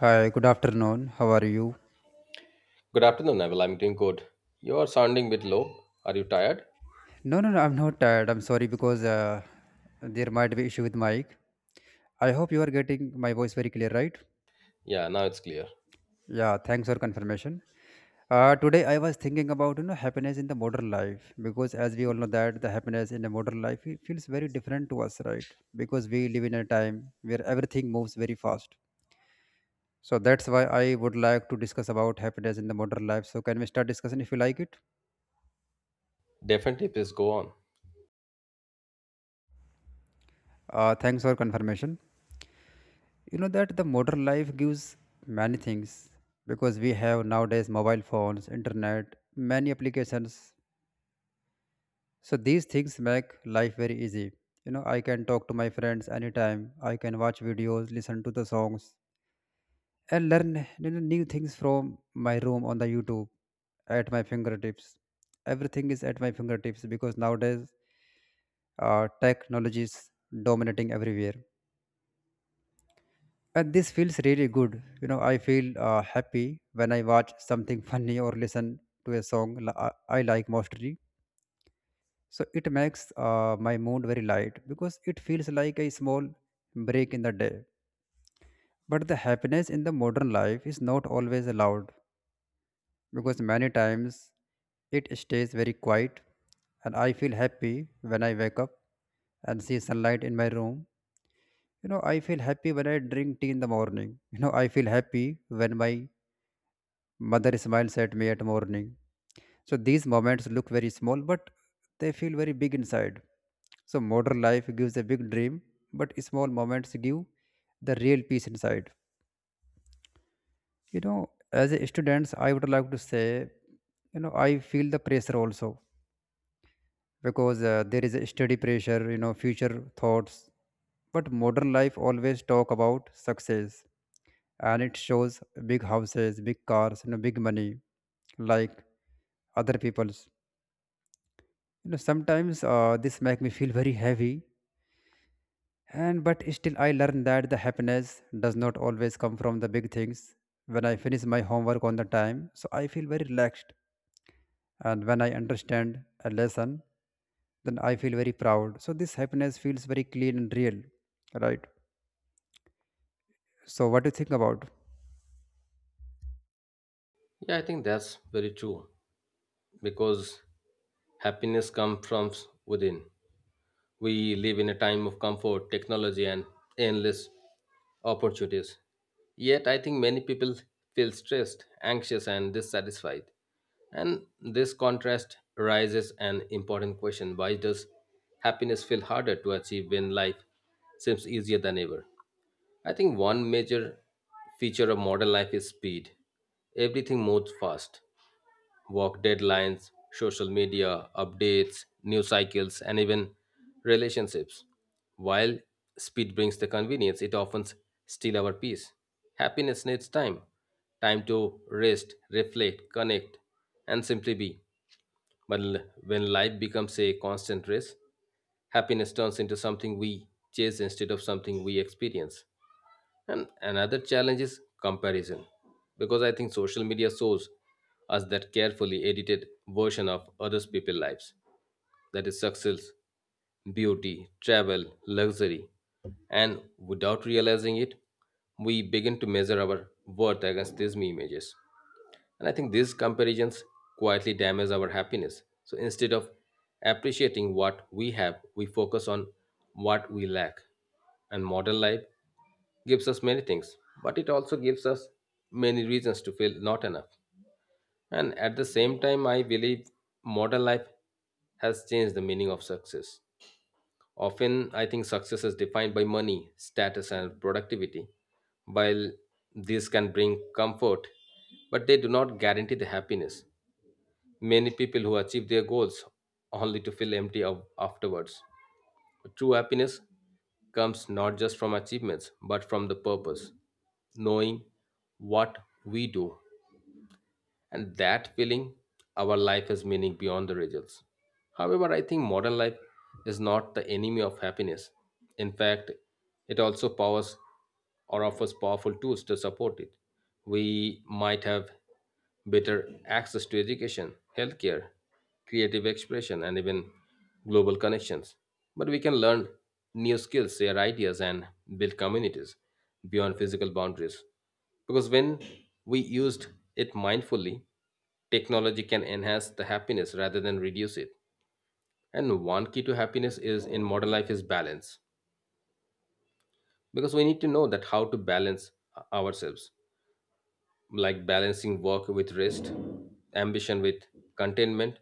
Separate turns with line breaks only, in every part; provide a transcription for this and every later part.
Hi, good afternoon. How are you?
Good afternoon, Neville. I'm doing good. You are sounding a bit low. Are you tired?
No, no, no, I'm not tired. I'm sorry because there might be issue with mic. I hope you are getting my voice very clear, right?
Yeah, now it's clear.
Yeah, thanks for confirmation. Today I was thinking about happiness in the modern life, because as we all know that the happiness in the modern life it feels very different to us, right? Because we live in a time where everything moves very fast. So that's why I would like to discuss about happiness in the modern life. So can we start discussing if you like it?
Definitely, please go on.
Thanks for confirmation. You know that the modern life gives many things, because we have nowadays mobile phones, internet, many applications. So these things make life very easy. You know I can talk to my friends anytime, I can watch videos, listen to the songs, and learn new things from my room on the YouTube. At my fingertips, everything is at my fingertips, because nowadays technology is dominating everywhere, and this feels really good. You know I feel happy when I watch something funny or listen to a song I like mostly. So it makes my mood very light, because it feels like a small break in the day. But the happiness in the modern life is not always allowed, because many times it stays very quiet. And I feel happy when I wake up and see sunlight in my room. You know I feel happy when I drink tea in the morning. You know I feel happy when my mother smiles at me at morning. So these moments look very small, but they feel very big inside. So modern life gives a big dream, but small moments give the real peace inside. As a students, I would like to say, I feel the pressure also, because there is a steady pressure, future thoughts. But modern life always talk about success, and it shows big houses, big cars, big money, like other people's. You know sometimes this make me feel very heavy. And but still I learn that the happiness does not always come from the big things. When I finish my homework on the time, so I feel very relaxed. And when I understand a lesson, then I feel very proud. So this happiness feels very clean and real, right? So what do you think about?
Yeah, I think that's very true because happiness comes from within. We live in a time of comfort, technology, and endless opportunities. Yet, I think many people feel stressed, anxious, and dissatisfied. And this contrast raises an important question: why does happiness feel harder to achieve when life seems easier than ever? I think one major feature of modern life is speed. Everything moves fast. Work deadlines, social media, updates, news cycles, and even relationships. While speed brings the convenience, it often steals our peace. Happiness needs time, time to rest, reflect, connect, and simply be. But when life becomes a constant race, happiness turns into something we chase instead of something we experience. And another challenge is comparison, because I think social media shows us that carefully edited version of others people's lives. That is success, beauty, travel, luxury. And without realizing it, we begin to measure our worth against these images. And I think these comparisons quietly damage our happiness. So instead of appreciating what we have, we focus on what we lack. And modern life gives us many things, but it also gives us many reasons to feel not enough. And at the same time, I believe modern life has changed the meaning of success. Often, I think success is defined by money, status, and productivity. While these can bring comfort, but they do not guarantee the happiness. Many people who achieve their goals only to feel empty of afterwards. True happiness comes not just from achievements but from the purpose, knowing what we do, and that feeling our life has meaning beyond the results. However, I think modern life is not the enemy of happiness. In fact, it also powers or offers powerful tools to support it. We might have better access to education, healthcare, creative expression, and even global connections. But we can learn new skills, share ideas, and build communities beyond physical boundaries. Because when we used it mindfully, technology can enhance the happiness rather than reduce it. And one key to happiness is in modern life is balance. Because we need to know that how to balance ourselves, like balancing work with rest, ambition with containment,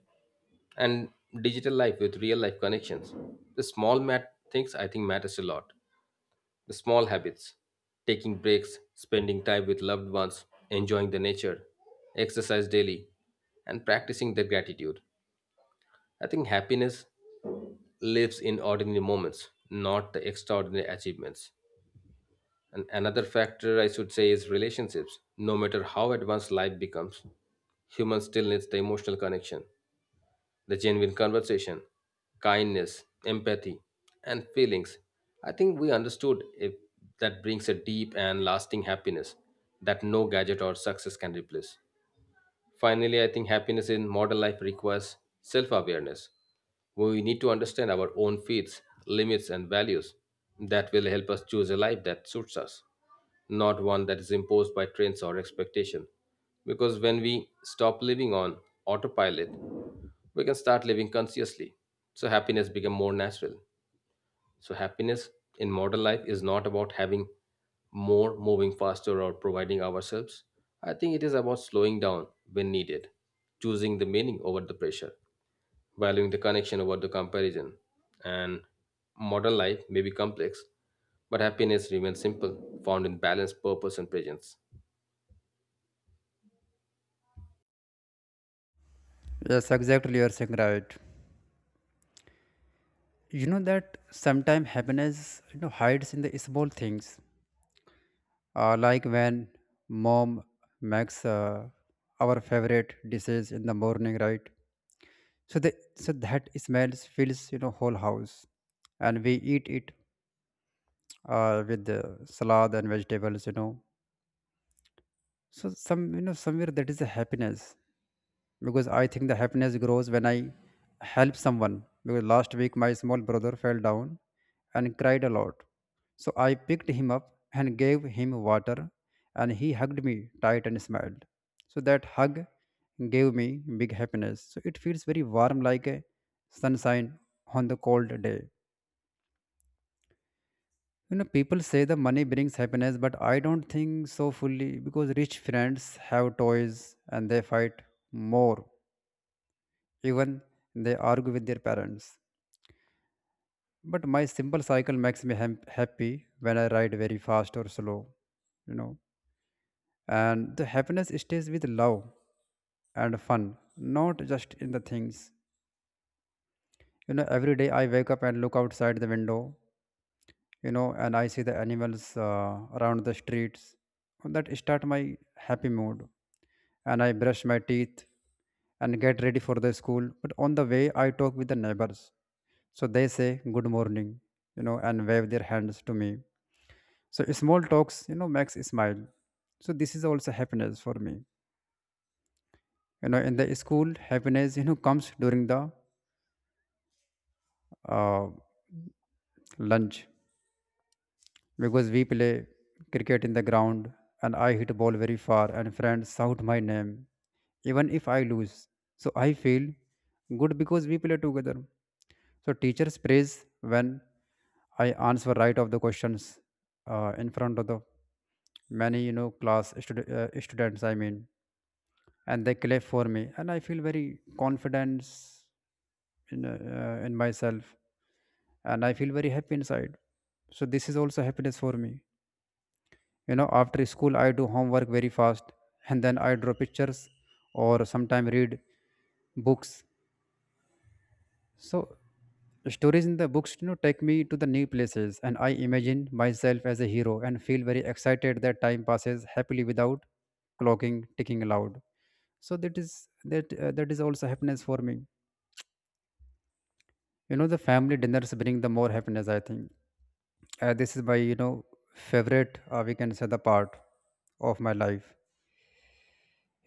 and digital life with real life connections. The small mat things I think matters a lot. The small habits, taking breaks, spending time with loved ones, enjoying the nature, exercise daily, and practicing the gratitude. I think happiness lives in ordinary moments, not the extraordinary achievements. And another factor I should say is relationships. No matter how advanced life becomes, humans still needs the emotional connection, the genuine conversation, kindness, empathy, and feelings. I think we understood if that brings a deep and lasting happiness that no gadget or success can replace. Finally, I think happiness in modern life requires self awareness. We need to understand our own feats, limits, and values. That will help us choose a life that suits us, not one that is imposed by trends or expectation. Because when we stop living on autopilot, we can start living consciously. So happiness become more natural. So, happiness in modern life is not about having more, moving faster, or providing ourselves. I think it is about slowing down when needed, choosing the meaning over the pressure, valuing the connection over the comparison. And modern life may be complex, but happiness remains simple, found in balance, purpose, and presence.
Yes, exactly, you are saying right. You know that sometimes happiness hides in the small things, like when mom makes our favorite dishes in the morning, right? So the so that smells fills whole house, and we eat it with the salad and vegetables. You know so somewhere that is a happiness, because I think the happiness grows when I help someone. Because last week my small brother fell down and cried a lot. So I picked him up and gave him water, and he hugged me tight and smiled. So that hug gave me big happiness. So it feels very warm, like a sunshine on the cold day. People say the money brings happiness, but I don't think so fully, because rich friends have toys and they fight more, even they argue with their parents. But my simple cycle makes me happy when I ride very fast or slow, you know. And the happiness stays with love and fun, not just in the things. Every day I wake up and look outside the window, and I see the animals around the streets. That start my happy mood. And I brush my teeth and get ready for the school. But on the way, I talk with the neighbors. So they say good morning, and wave their hands to me. So small talks, makes smile. So this is also happiness for me. In the school, happiness comes during the uh, lunch, because we play cricket in the ground, and I hit ball very far and friends shout my name even if I lose. So I feel good because we play together. So teachers praise when I answer right of the questions in front of the many class students. I mean, and they clap for me, and I feel very confidence in myself, and I feel very happy inside. So this is also happiness for me. After school I do homework very fast, and then I draw pictures or sometimes read books. So stories in the books, take me to the new places, and I imagine myself as a hero and feel very excited that time passes happily without clocking ticking loud. So that is also happiness for me. The family dinners bring the more happiness. I think this is my favorite we can say the part of my life.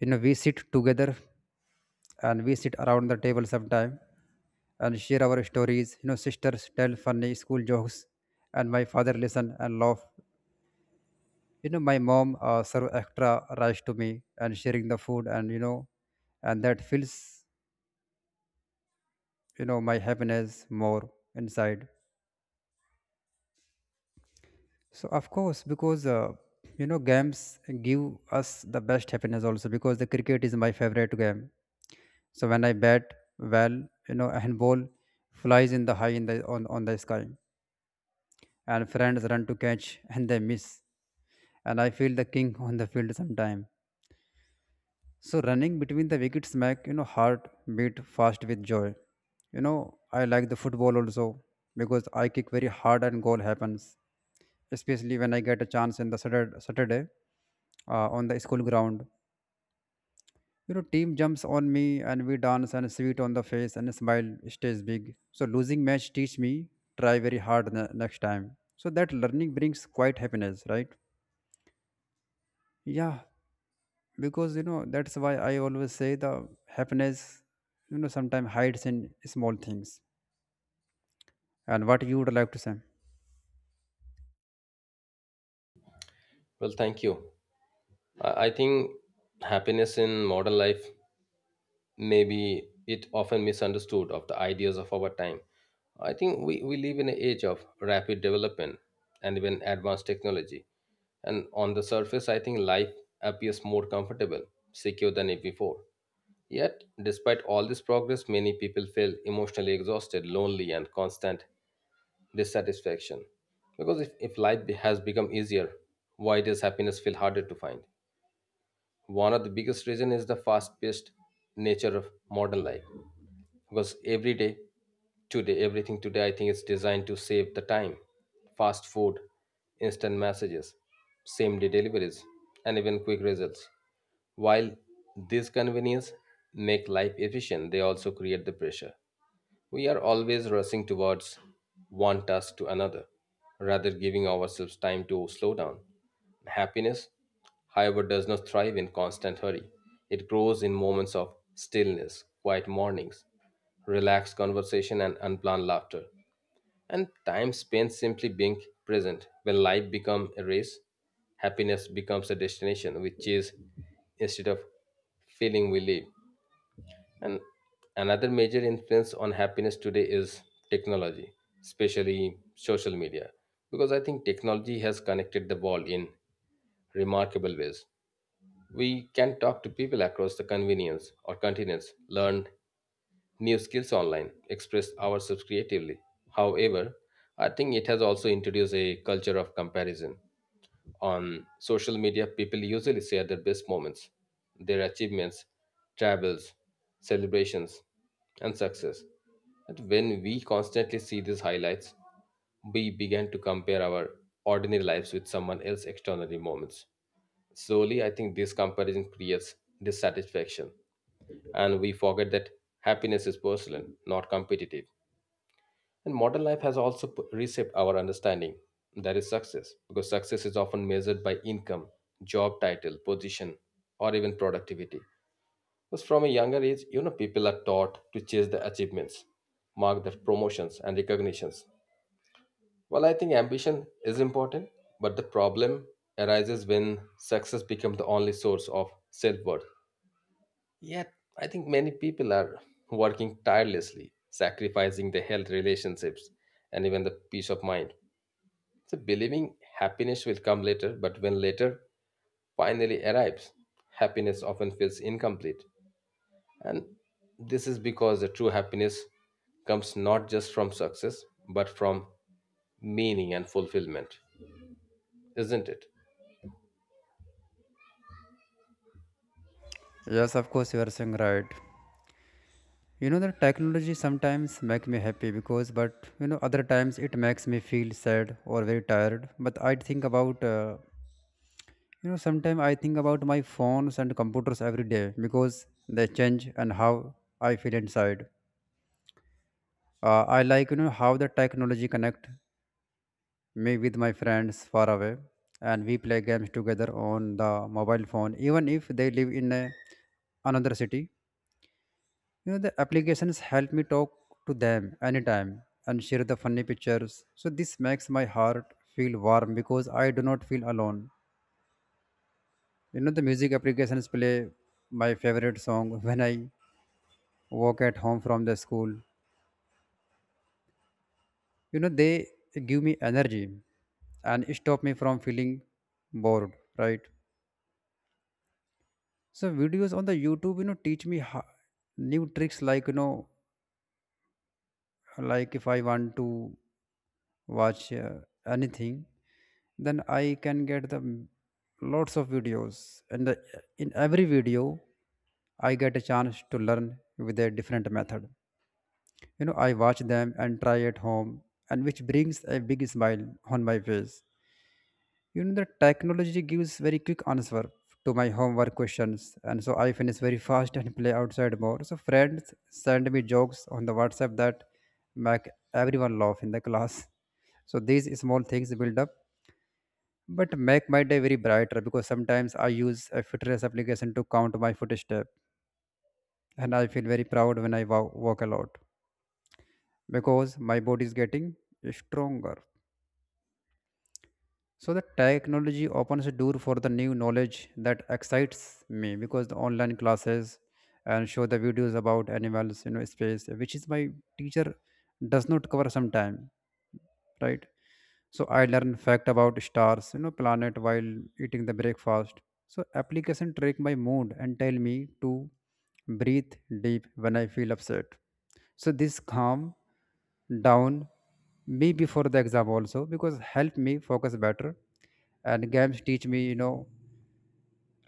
We sit together, and we sit around the table sometime, and share our stories. Sisters tell funny school jokes, and my father listen and laugh. My mom served extra rice to me, and sharing the food, and and that fills my happiness more inside. So of course, because games give us the best happiness also, because the cricket is my favorite game. So when I bat well, and ball flies in the high in the on the sky, and friends run to catch and they miss, and I feel the king on the field sometime. So running between the wickets make heart beat fast with joy. I like the football also, because I kick very hard and goal happens, especially when I get a chance in the Saturday, on the school ground. Team jumps on me, and we dance and sweet on the face, and smile stays big. So losing match teach me try very hard next time. So that learning brings quite happiness, right? Yeah, because that's why I always say the happiness sometimes hides in small things. And what you would like to say?
Well, thank you. I think happiness in modern life maybe it often misunderstood of the ideas of our time. I think we live in an age of rapid development and even advanced technology. And on the surface, I think life appears more comfortable, secure than it before. Yet, despite all this progress, many people feel emotionally exhausted, lonely, and constant dissatisfaction. Because if life has become easier, why does happiness feel harder to find? One of the biggest reason is the fast-paced nature of modern life because every day today everything today I think is designed to save the time, fast food, instant messages, same day deliveries, and even quick results. While these conveniences make life efficient, they also create the pressure. We are always rushing towards one task to another, rather giving ourselves time to slow down. Happiness, however, does not thrive in constant hurry. It grows in moments of stillness, quiet mornings, relaxed conversation, and unplanned laughter. And time spent simply being present. When life becomes a race, happiness becomes a destination we chase instead of feeling we live. And another major influence on happiness today is technology, especially social media, because I think technology has connected the world in remarkable ways. We can talk to people across the convenience or continents, learn new skills online, express ourselves creatively. However, I think it has also introduced a culture of comparison. On social media, people usually share their best moments, their achievements, travels, celebrations, and success. And when we constantly see these highlights, we began to compare our ordinary lives with someone else's extraordinary moments. Slowly, I think this comparison creates dissatisfaction, and we forget that happiness is personal, not competitive. And modern life has also reshaped our understanding. That is success, because success is often measured by income, job title, position, or even productivity. Because from a younger age, you know, people are taught to chase the achievements, mark the promotions and recognitions. Well, I think ambition is important, but the problem arises when success becomes the only source of self worth. Yet, I think many people are working tirelessly, sacrificing their health, relationships, and even the peace of mind. So believing happiness will come later, but when later finally arrives, happiness often feels incomplete. And this is because the true happiness comes not just from success, but from meaning and fulfillment, isn't it?
Yes, of course, you are saying right. you know the technology sometimes make me happy, because, but other times it makes me feel sad or very tired. But I think about you know sometimes I think about my phones and computers every day, because they change and how I feel inside. Uh, I like how the technology connect me with my friends far away, and we play games together on the mobile phone, even if they live in another city. You know the applications help me talk to them anytime and share the funny pictures, so this makes my heart feel warm, because I do not feel alone. You know the music applications play my favorite song when I walk at home from the school. You know they give me energy and stop me from feeling bored, right? So videos on the YouTube, teach me new tricks, like if I want to watch anything, then I can get lots of videos, and in every video, I get a chance to learn with a different method. I watch them and try at home, and which brings a big smile on my face. You know the technology gives very quick answer to my homework questions, and so I finish very fast and play outside more. So friends send me jokes on the WhatsApp that make everyone laugh in the class. So these small things build up, but make my day very brighter, because sometimes I use a fitness application to count my footstep, and I feel very proud when I walk a lot, because my body is getting stronger. So the technology opens a door for the new knowledge that excites me, because the online classes and show the videos about animals, space, which is my teacher does not cover sometime, right? So I learned fact about stars, planet while eating the breakfast. So application track my mood and tell me to breathe deep when I feel upset. So this calm down me before the exam also, because help me focus better. And games teach me,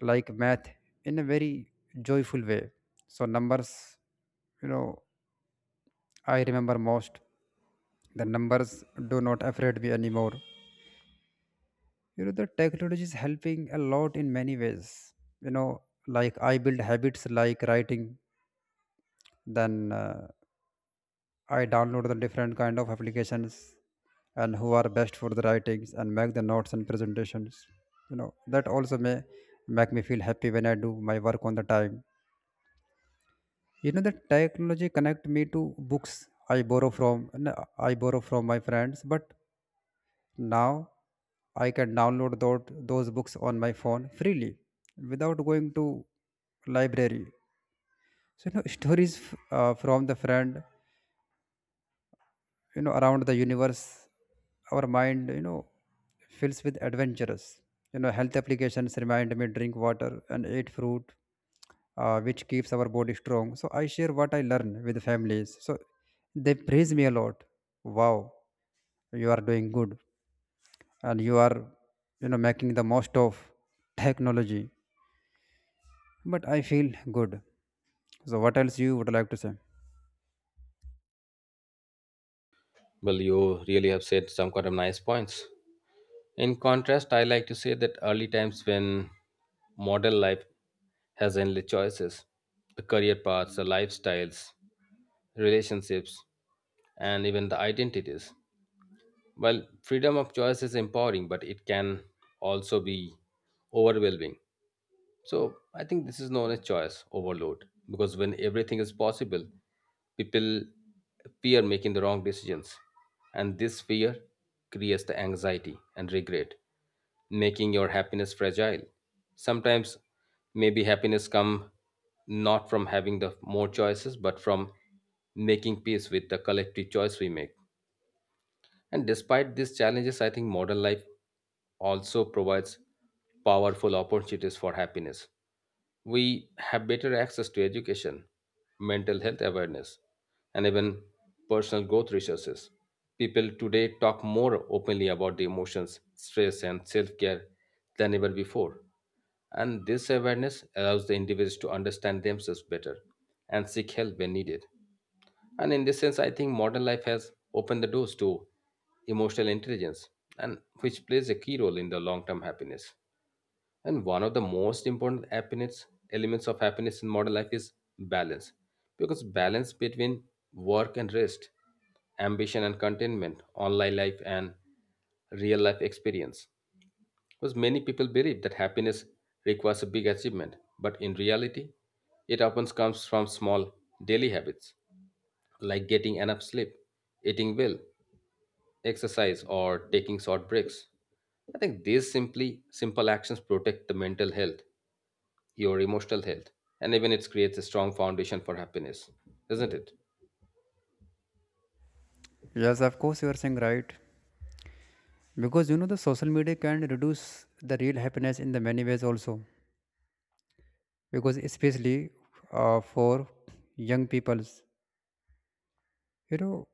like math in a very joyful way. So numbers, you know, I remember most. The numbers do not afraid me anymore. The technology is helping a lot in many ways. you know like, I build habits like writing, then I download the different kind of applications and who are best for the writings and make the notes and presentations. That also may make me feel happy when I do my work on the time. The technology connect me to books I borrow from and I borrow from my friends. But now I can download those books on my phone freely without going to library. So stories from the friend, around the universe, our mind fills with adventures. Health applications remind me drink water and eat fruit, which keeps our body strong. So I share what I learn with families. So they praise me a lot. Wow, you are doing good and you are making the most of technology, but I feel good. So what else you would like to say?
Well, you really have said some kind of nice points. In contrast, I like to say that early times when modern life has endless choices, the career paths, the lifestyles, relationships, and even the identities. Well, freedom of choice is empowering, but it can also be overwhelming. So I think this is known as choice overload, because when everything is possible, people fear making the wrong decisions. And this fear creates the anxiety and regret, making your happiness fragile. Sometimes maybe happiness come not from having the more choices, but from making peace with the collective choice we make. And despite these challenges, I think modern life also provides powerful opportunities for happiness. We have better access to education, mental health awareness, and even personal growth resources. People today talk more openly about the emotions, stress, and self care than ever before. And this awareness allows the individuals to understand themselves better and seek help when needed. And in this sense, I think modern life has opened the doors to emotional intelligence, and which plays a key role in the long-term happiness. And one of the most important happiness elements of happiness in modern life is balance, because balance between work and rest, ambition and contentment, online life and real life experience. Because many people believe that happiness requires a big achievement, but in reality, it often comes from small daily habits like getting enough sleep, eating well, exercise, or taking short breaks. I think these simply simple actions protect the mental health, your emotional health, and even it creates a strong foundation for happiness, isn't it?
Yes, of course, you are saying right. Because the social media can reduce the real happiness in the many ways also, because especially for young peoples. you know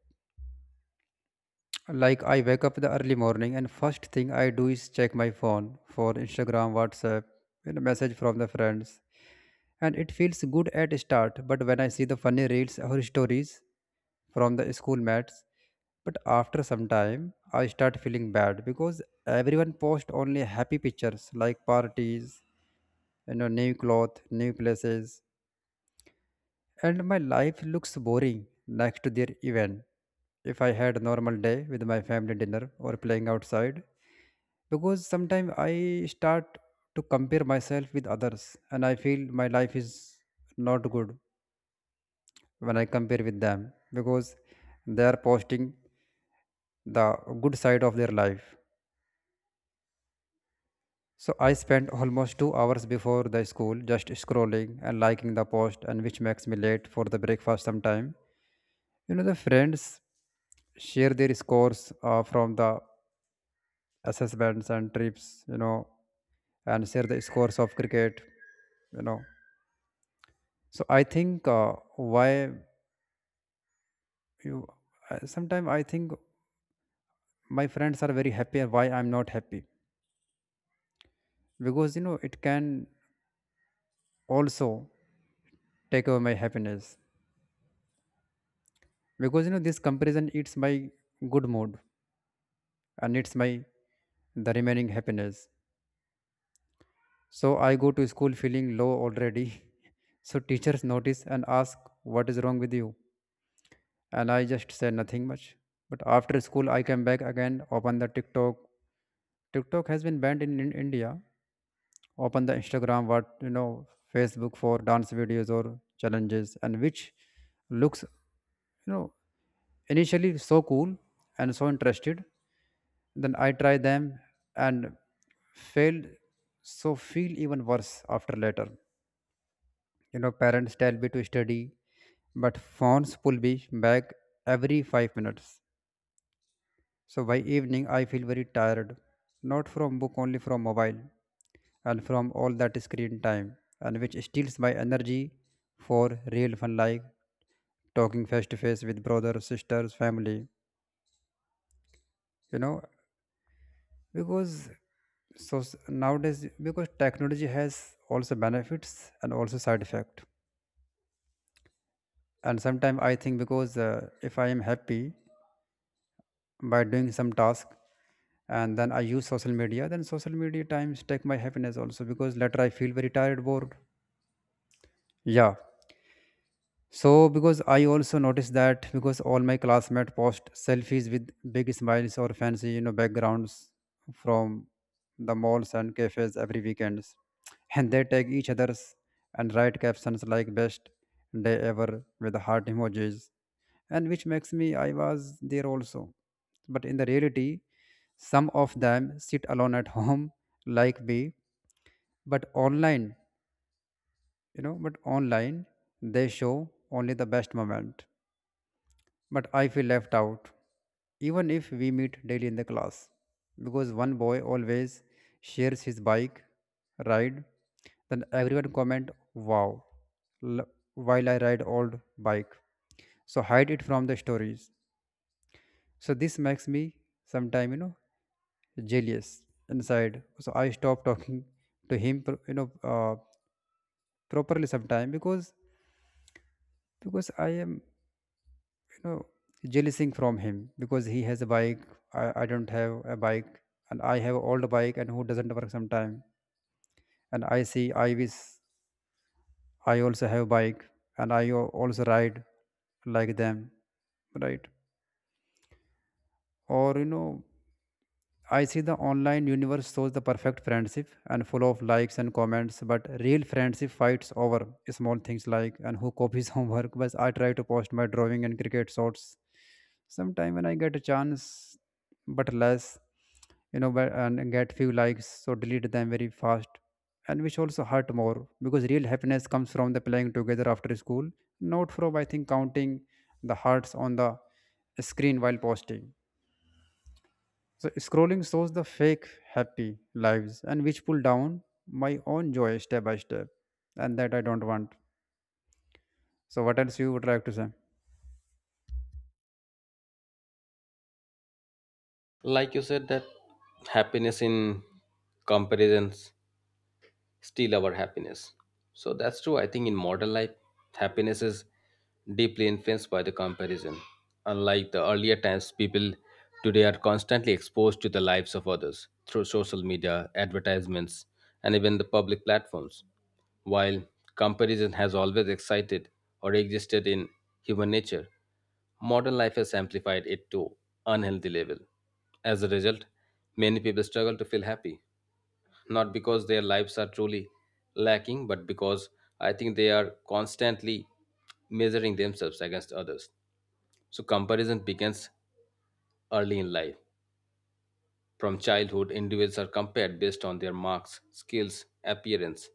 like, I wake up the early morning, and first thing I do is check my phone for Instagram, WhatsApp, message from the friends. And it feels good at start, but when I see the funny reels or stories from the school mates. But after some time I start feeling bad because everyone posts only happy pictures like parties, new clothes, new places, and my life looks boring next to their event if I had a normal day with my family dinner or playing outside. Because sometimes I start to compare myself with others and I feel my life is not good when I compare with them because they are posting the good side of their life. So I spent almost 2 hours before the school just scrolling and liking the post, and which makes me late for the breakfast sometime. The friends share their scores from the assessments and trips, and share the scores of cricket, you know. So I think, why you sometimes I think my friends are very happy and why I'm not happy, because it can also take away my happiness, because this comparison eats my good mood and it's my the remaining happiness. So I go to school feeling low already. So teachers notice and ask what is wrong with you, and I just say nothing much. But after school I come back again, open the TikTok. TikTok has been banned in India. Open the Instagram, what you know Facebook for dance videos or challenges, and which looks you know initially so cool and so interested. Then I try them and failed, so feel even worse after later. Parents tell me to study, but phones pull me back every 5 minutes. So by evening I feel very tired, not from book only from mobile, and from all that screen time, and which steals my energy for real fun like talking face to face with brothers sisters family you know because nowadays, because technology has also benefits and also side effect. And sometimes I think, because if I am happy by doing some task, and then I use social media, then social media times take my happiness also, because later I feel very tired bored. Yeah. So because I also noticed that, because all my classmates post selfies with big smiles or fancy, backgrounds from the malls and cafes every weekends, and they tag each other's and write captions like "best day ever" with heart emojis, and which makes me I was there also. But in the reality, some of them sit alone at home like me, but online, you know, but online they show only the best moment. But I feel left out, even if we meet daily in the class, because one boy always shares his bike ride. Then everyone comment, "Wow, l- while I ride old bike." So hide it from the stories. So this makes me sometime jealous inside. So I stop talking to him, properly sometime, because I am you know jealousing from him because he has a bike. I don't have a bike, and I have old bike and who doesn't work sometime. And I see I wish I also have bike and I also ride like them, right? Or I see the online universe shows the perfect friendship and full of likes and comments, but real friendship fights over small things like and who copies homework. But I try to post my drawing and cricket shots sometime when I get a chance, but less, and get few likes, so delete them very fast, and which also hurt more because real happiness comes from the playing together after school, not from I think counting the hearts on the screen while posting. So scrolling shows the fake happy lives and which pull down my own joy step by step. And that I don't want. So what else you would like to say?
Like you said, that happiness in comparisons steal our happiness. So that's true. I think in modern life, happiness is deeply influenced by the comparison. Unlike the earlier times, people today are constantly exposed to the lives of others through social media, advertisements, and even the public platforms. While comparison has always excited or existed in human nature, modern life has amplified it to unhealthy level. As a result, many people struggle to feel happy not because their lives are truly lacking, but because I think they are constantly measuring themselves against others. So, comparison begins early in life. From childhood, individuals are compared based on their marks, skills, appearance,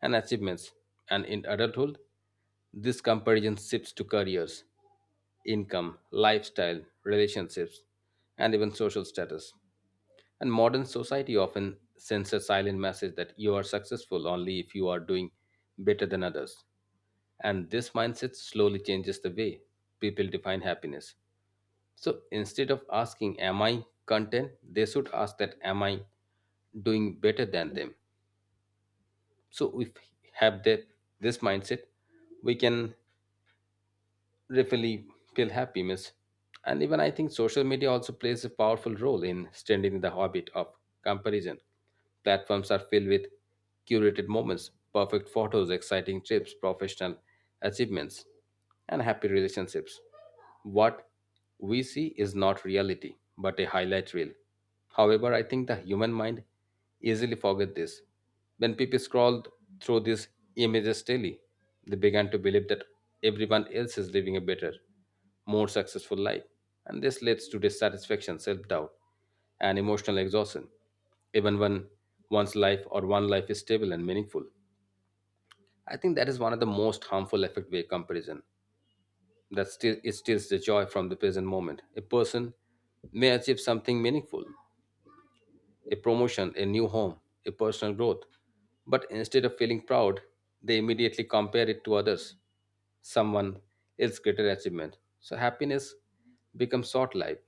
and achievements. And in adulthood, this comparison shifts to careers, income, lifestyle, relationships, and even social status. And modern society often sends a silent message that you are successful only if you are doing better than others. And this mindset slowly changes the way people define happiness. So instead of asking, am I content? They should ask that, am I doing better than them? So if we have that, this mindset, we can really feel happy, miss. And even I think social media also plays a powerful role in strengthening the habit of comparison. Platforms are filled with curated moments, perfect photos, exciting trips, professional achievements, and happy relationships. What we see is not reality, but a highlight reel. However, I think the human mind easily forget this. When people scroll through these images daily, they began to believe that everyone else is living a better, more successful life. And this leads to dissatisfaction, self doubt, and emotional exhaustion, even when one's life or one life is stable and meaningful. I think that is one of the most harmful effect via comparison that still it steals the joy from the present moment. A person may achieve something meaningful, a promotion, a new home, a personal growth, but instead of feeling proud, they immediately compare it to others, someone else's greater achievement. So happiness becomes short-lived.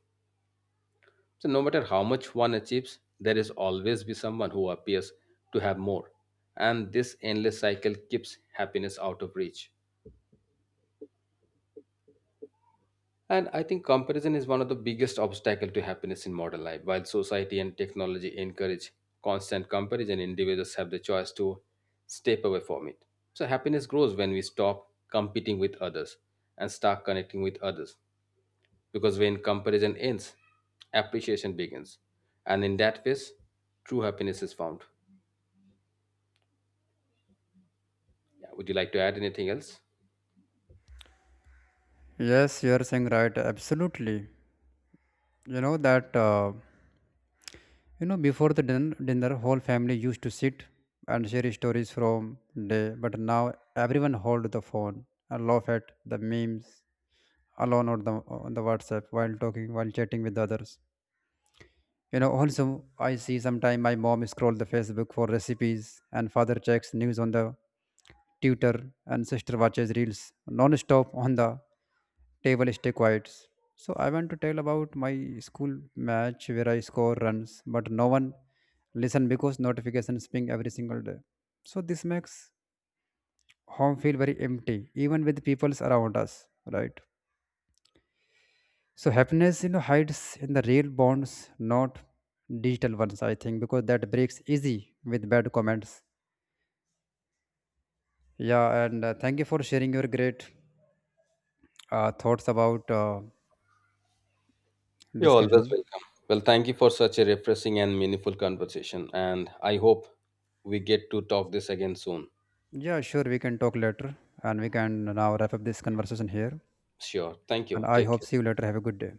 So no matter how much one achieves, there is always be someone who appears to have more, and this endless cycle keeps happiness out of reach. And I think comparison is one of the biggest obstacle to happiness in modern life. While society and technology encourage constant comparison, individuals have the choice to step away from it. So happiness grows when we stop competing with others and start connecting with others. Because when comparison ends, appreciation begins. And in that phase, true happiness is found. Yeah, would you like to add anything else?
Yes, you are saying right. Absolutely. You know that before the dinner, whole family used to sit and share stories from day, but now everyone hold the phone and laugh at the memes alone or the on the WhatsApp while talking while chatting with others. Also I see sometime my mom scroll the Facebook for recipes and father checks news on the tutor and sister watches reels non-stop on the table stay quiet. So I want to tell about my school match where I score runs, but no one listen because notifications ping every single day. So this makes home feel very empty, even with peoples around us, right? So happiness hides in the real bonds, not digital ones. I think because that breaks easy with bad comments. Yeah, and thank you for sharing your great thoughts about
You're always
discussion.
welcome. Well, thank you for such a refreshing and meaningful conversation. And I hope we get to talk this again soon.
Yeah, sure, we can talk later, and we can now wrap up this conversation here.
Sure. Thank
And
you.
I
Take
hope
care.
see you later. Have a good day.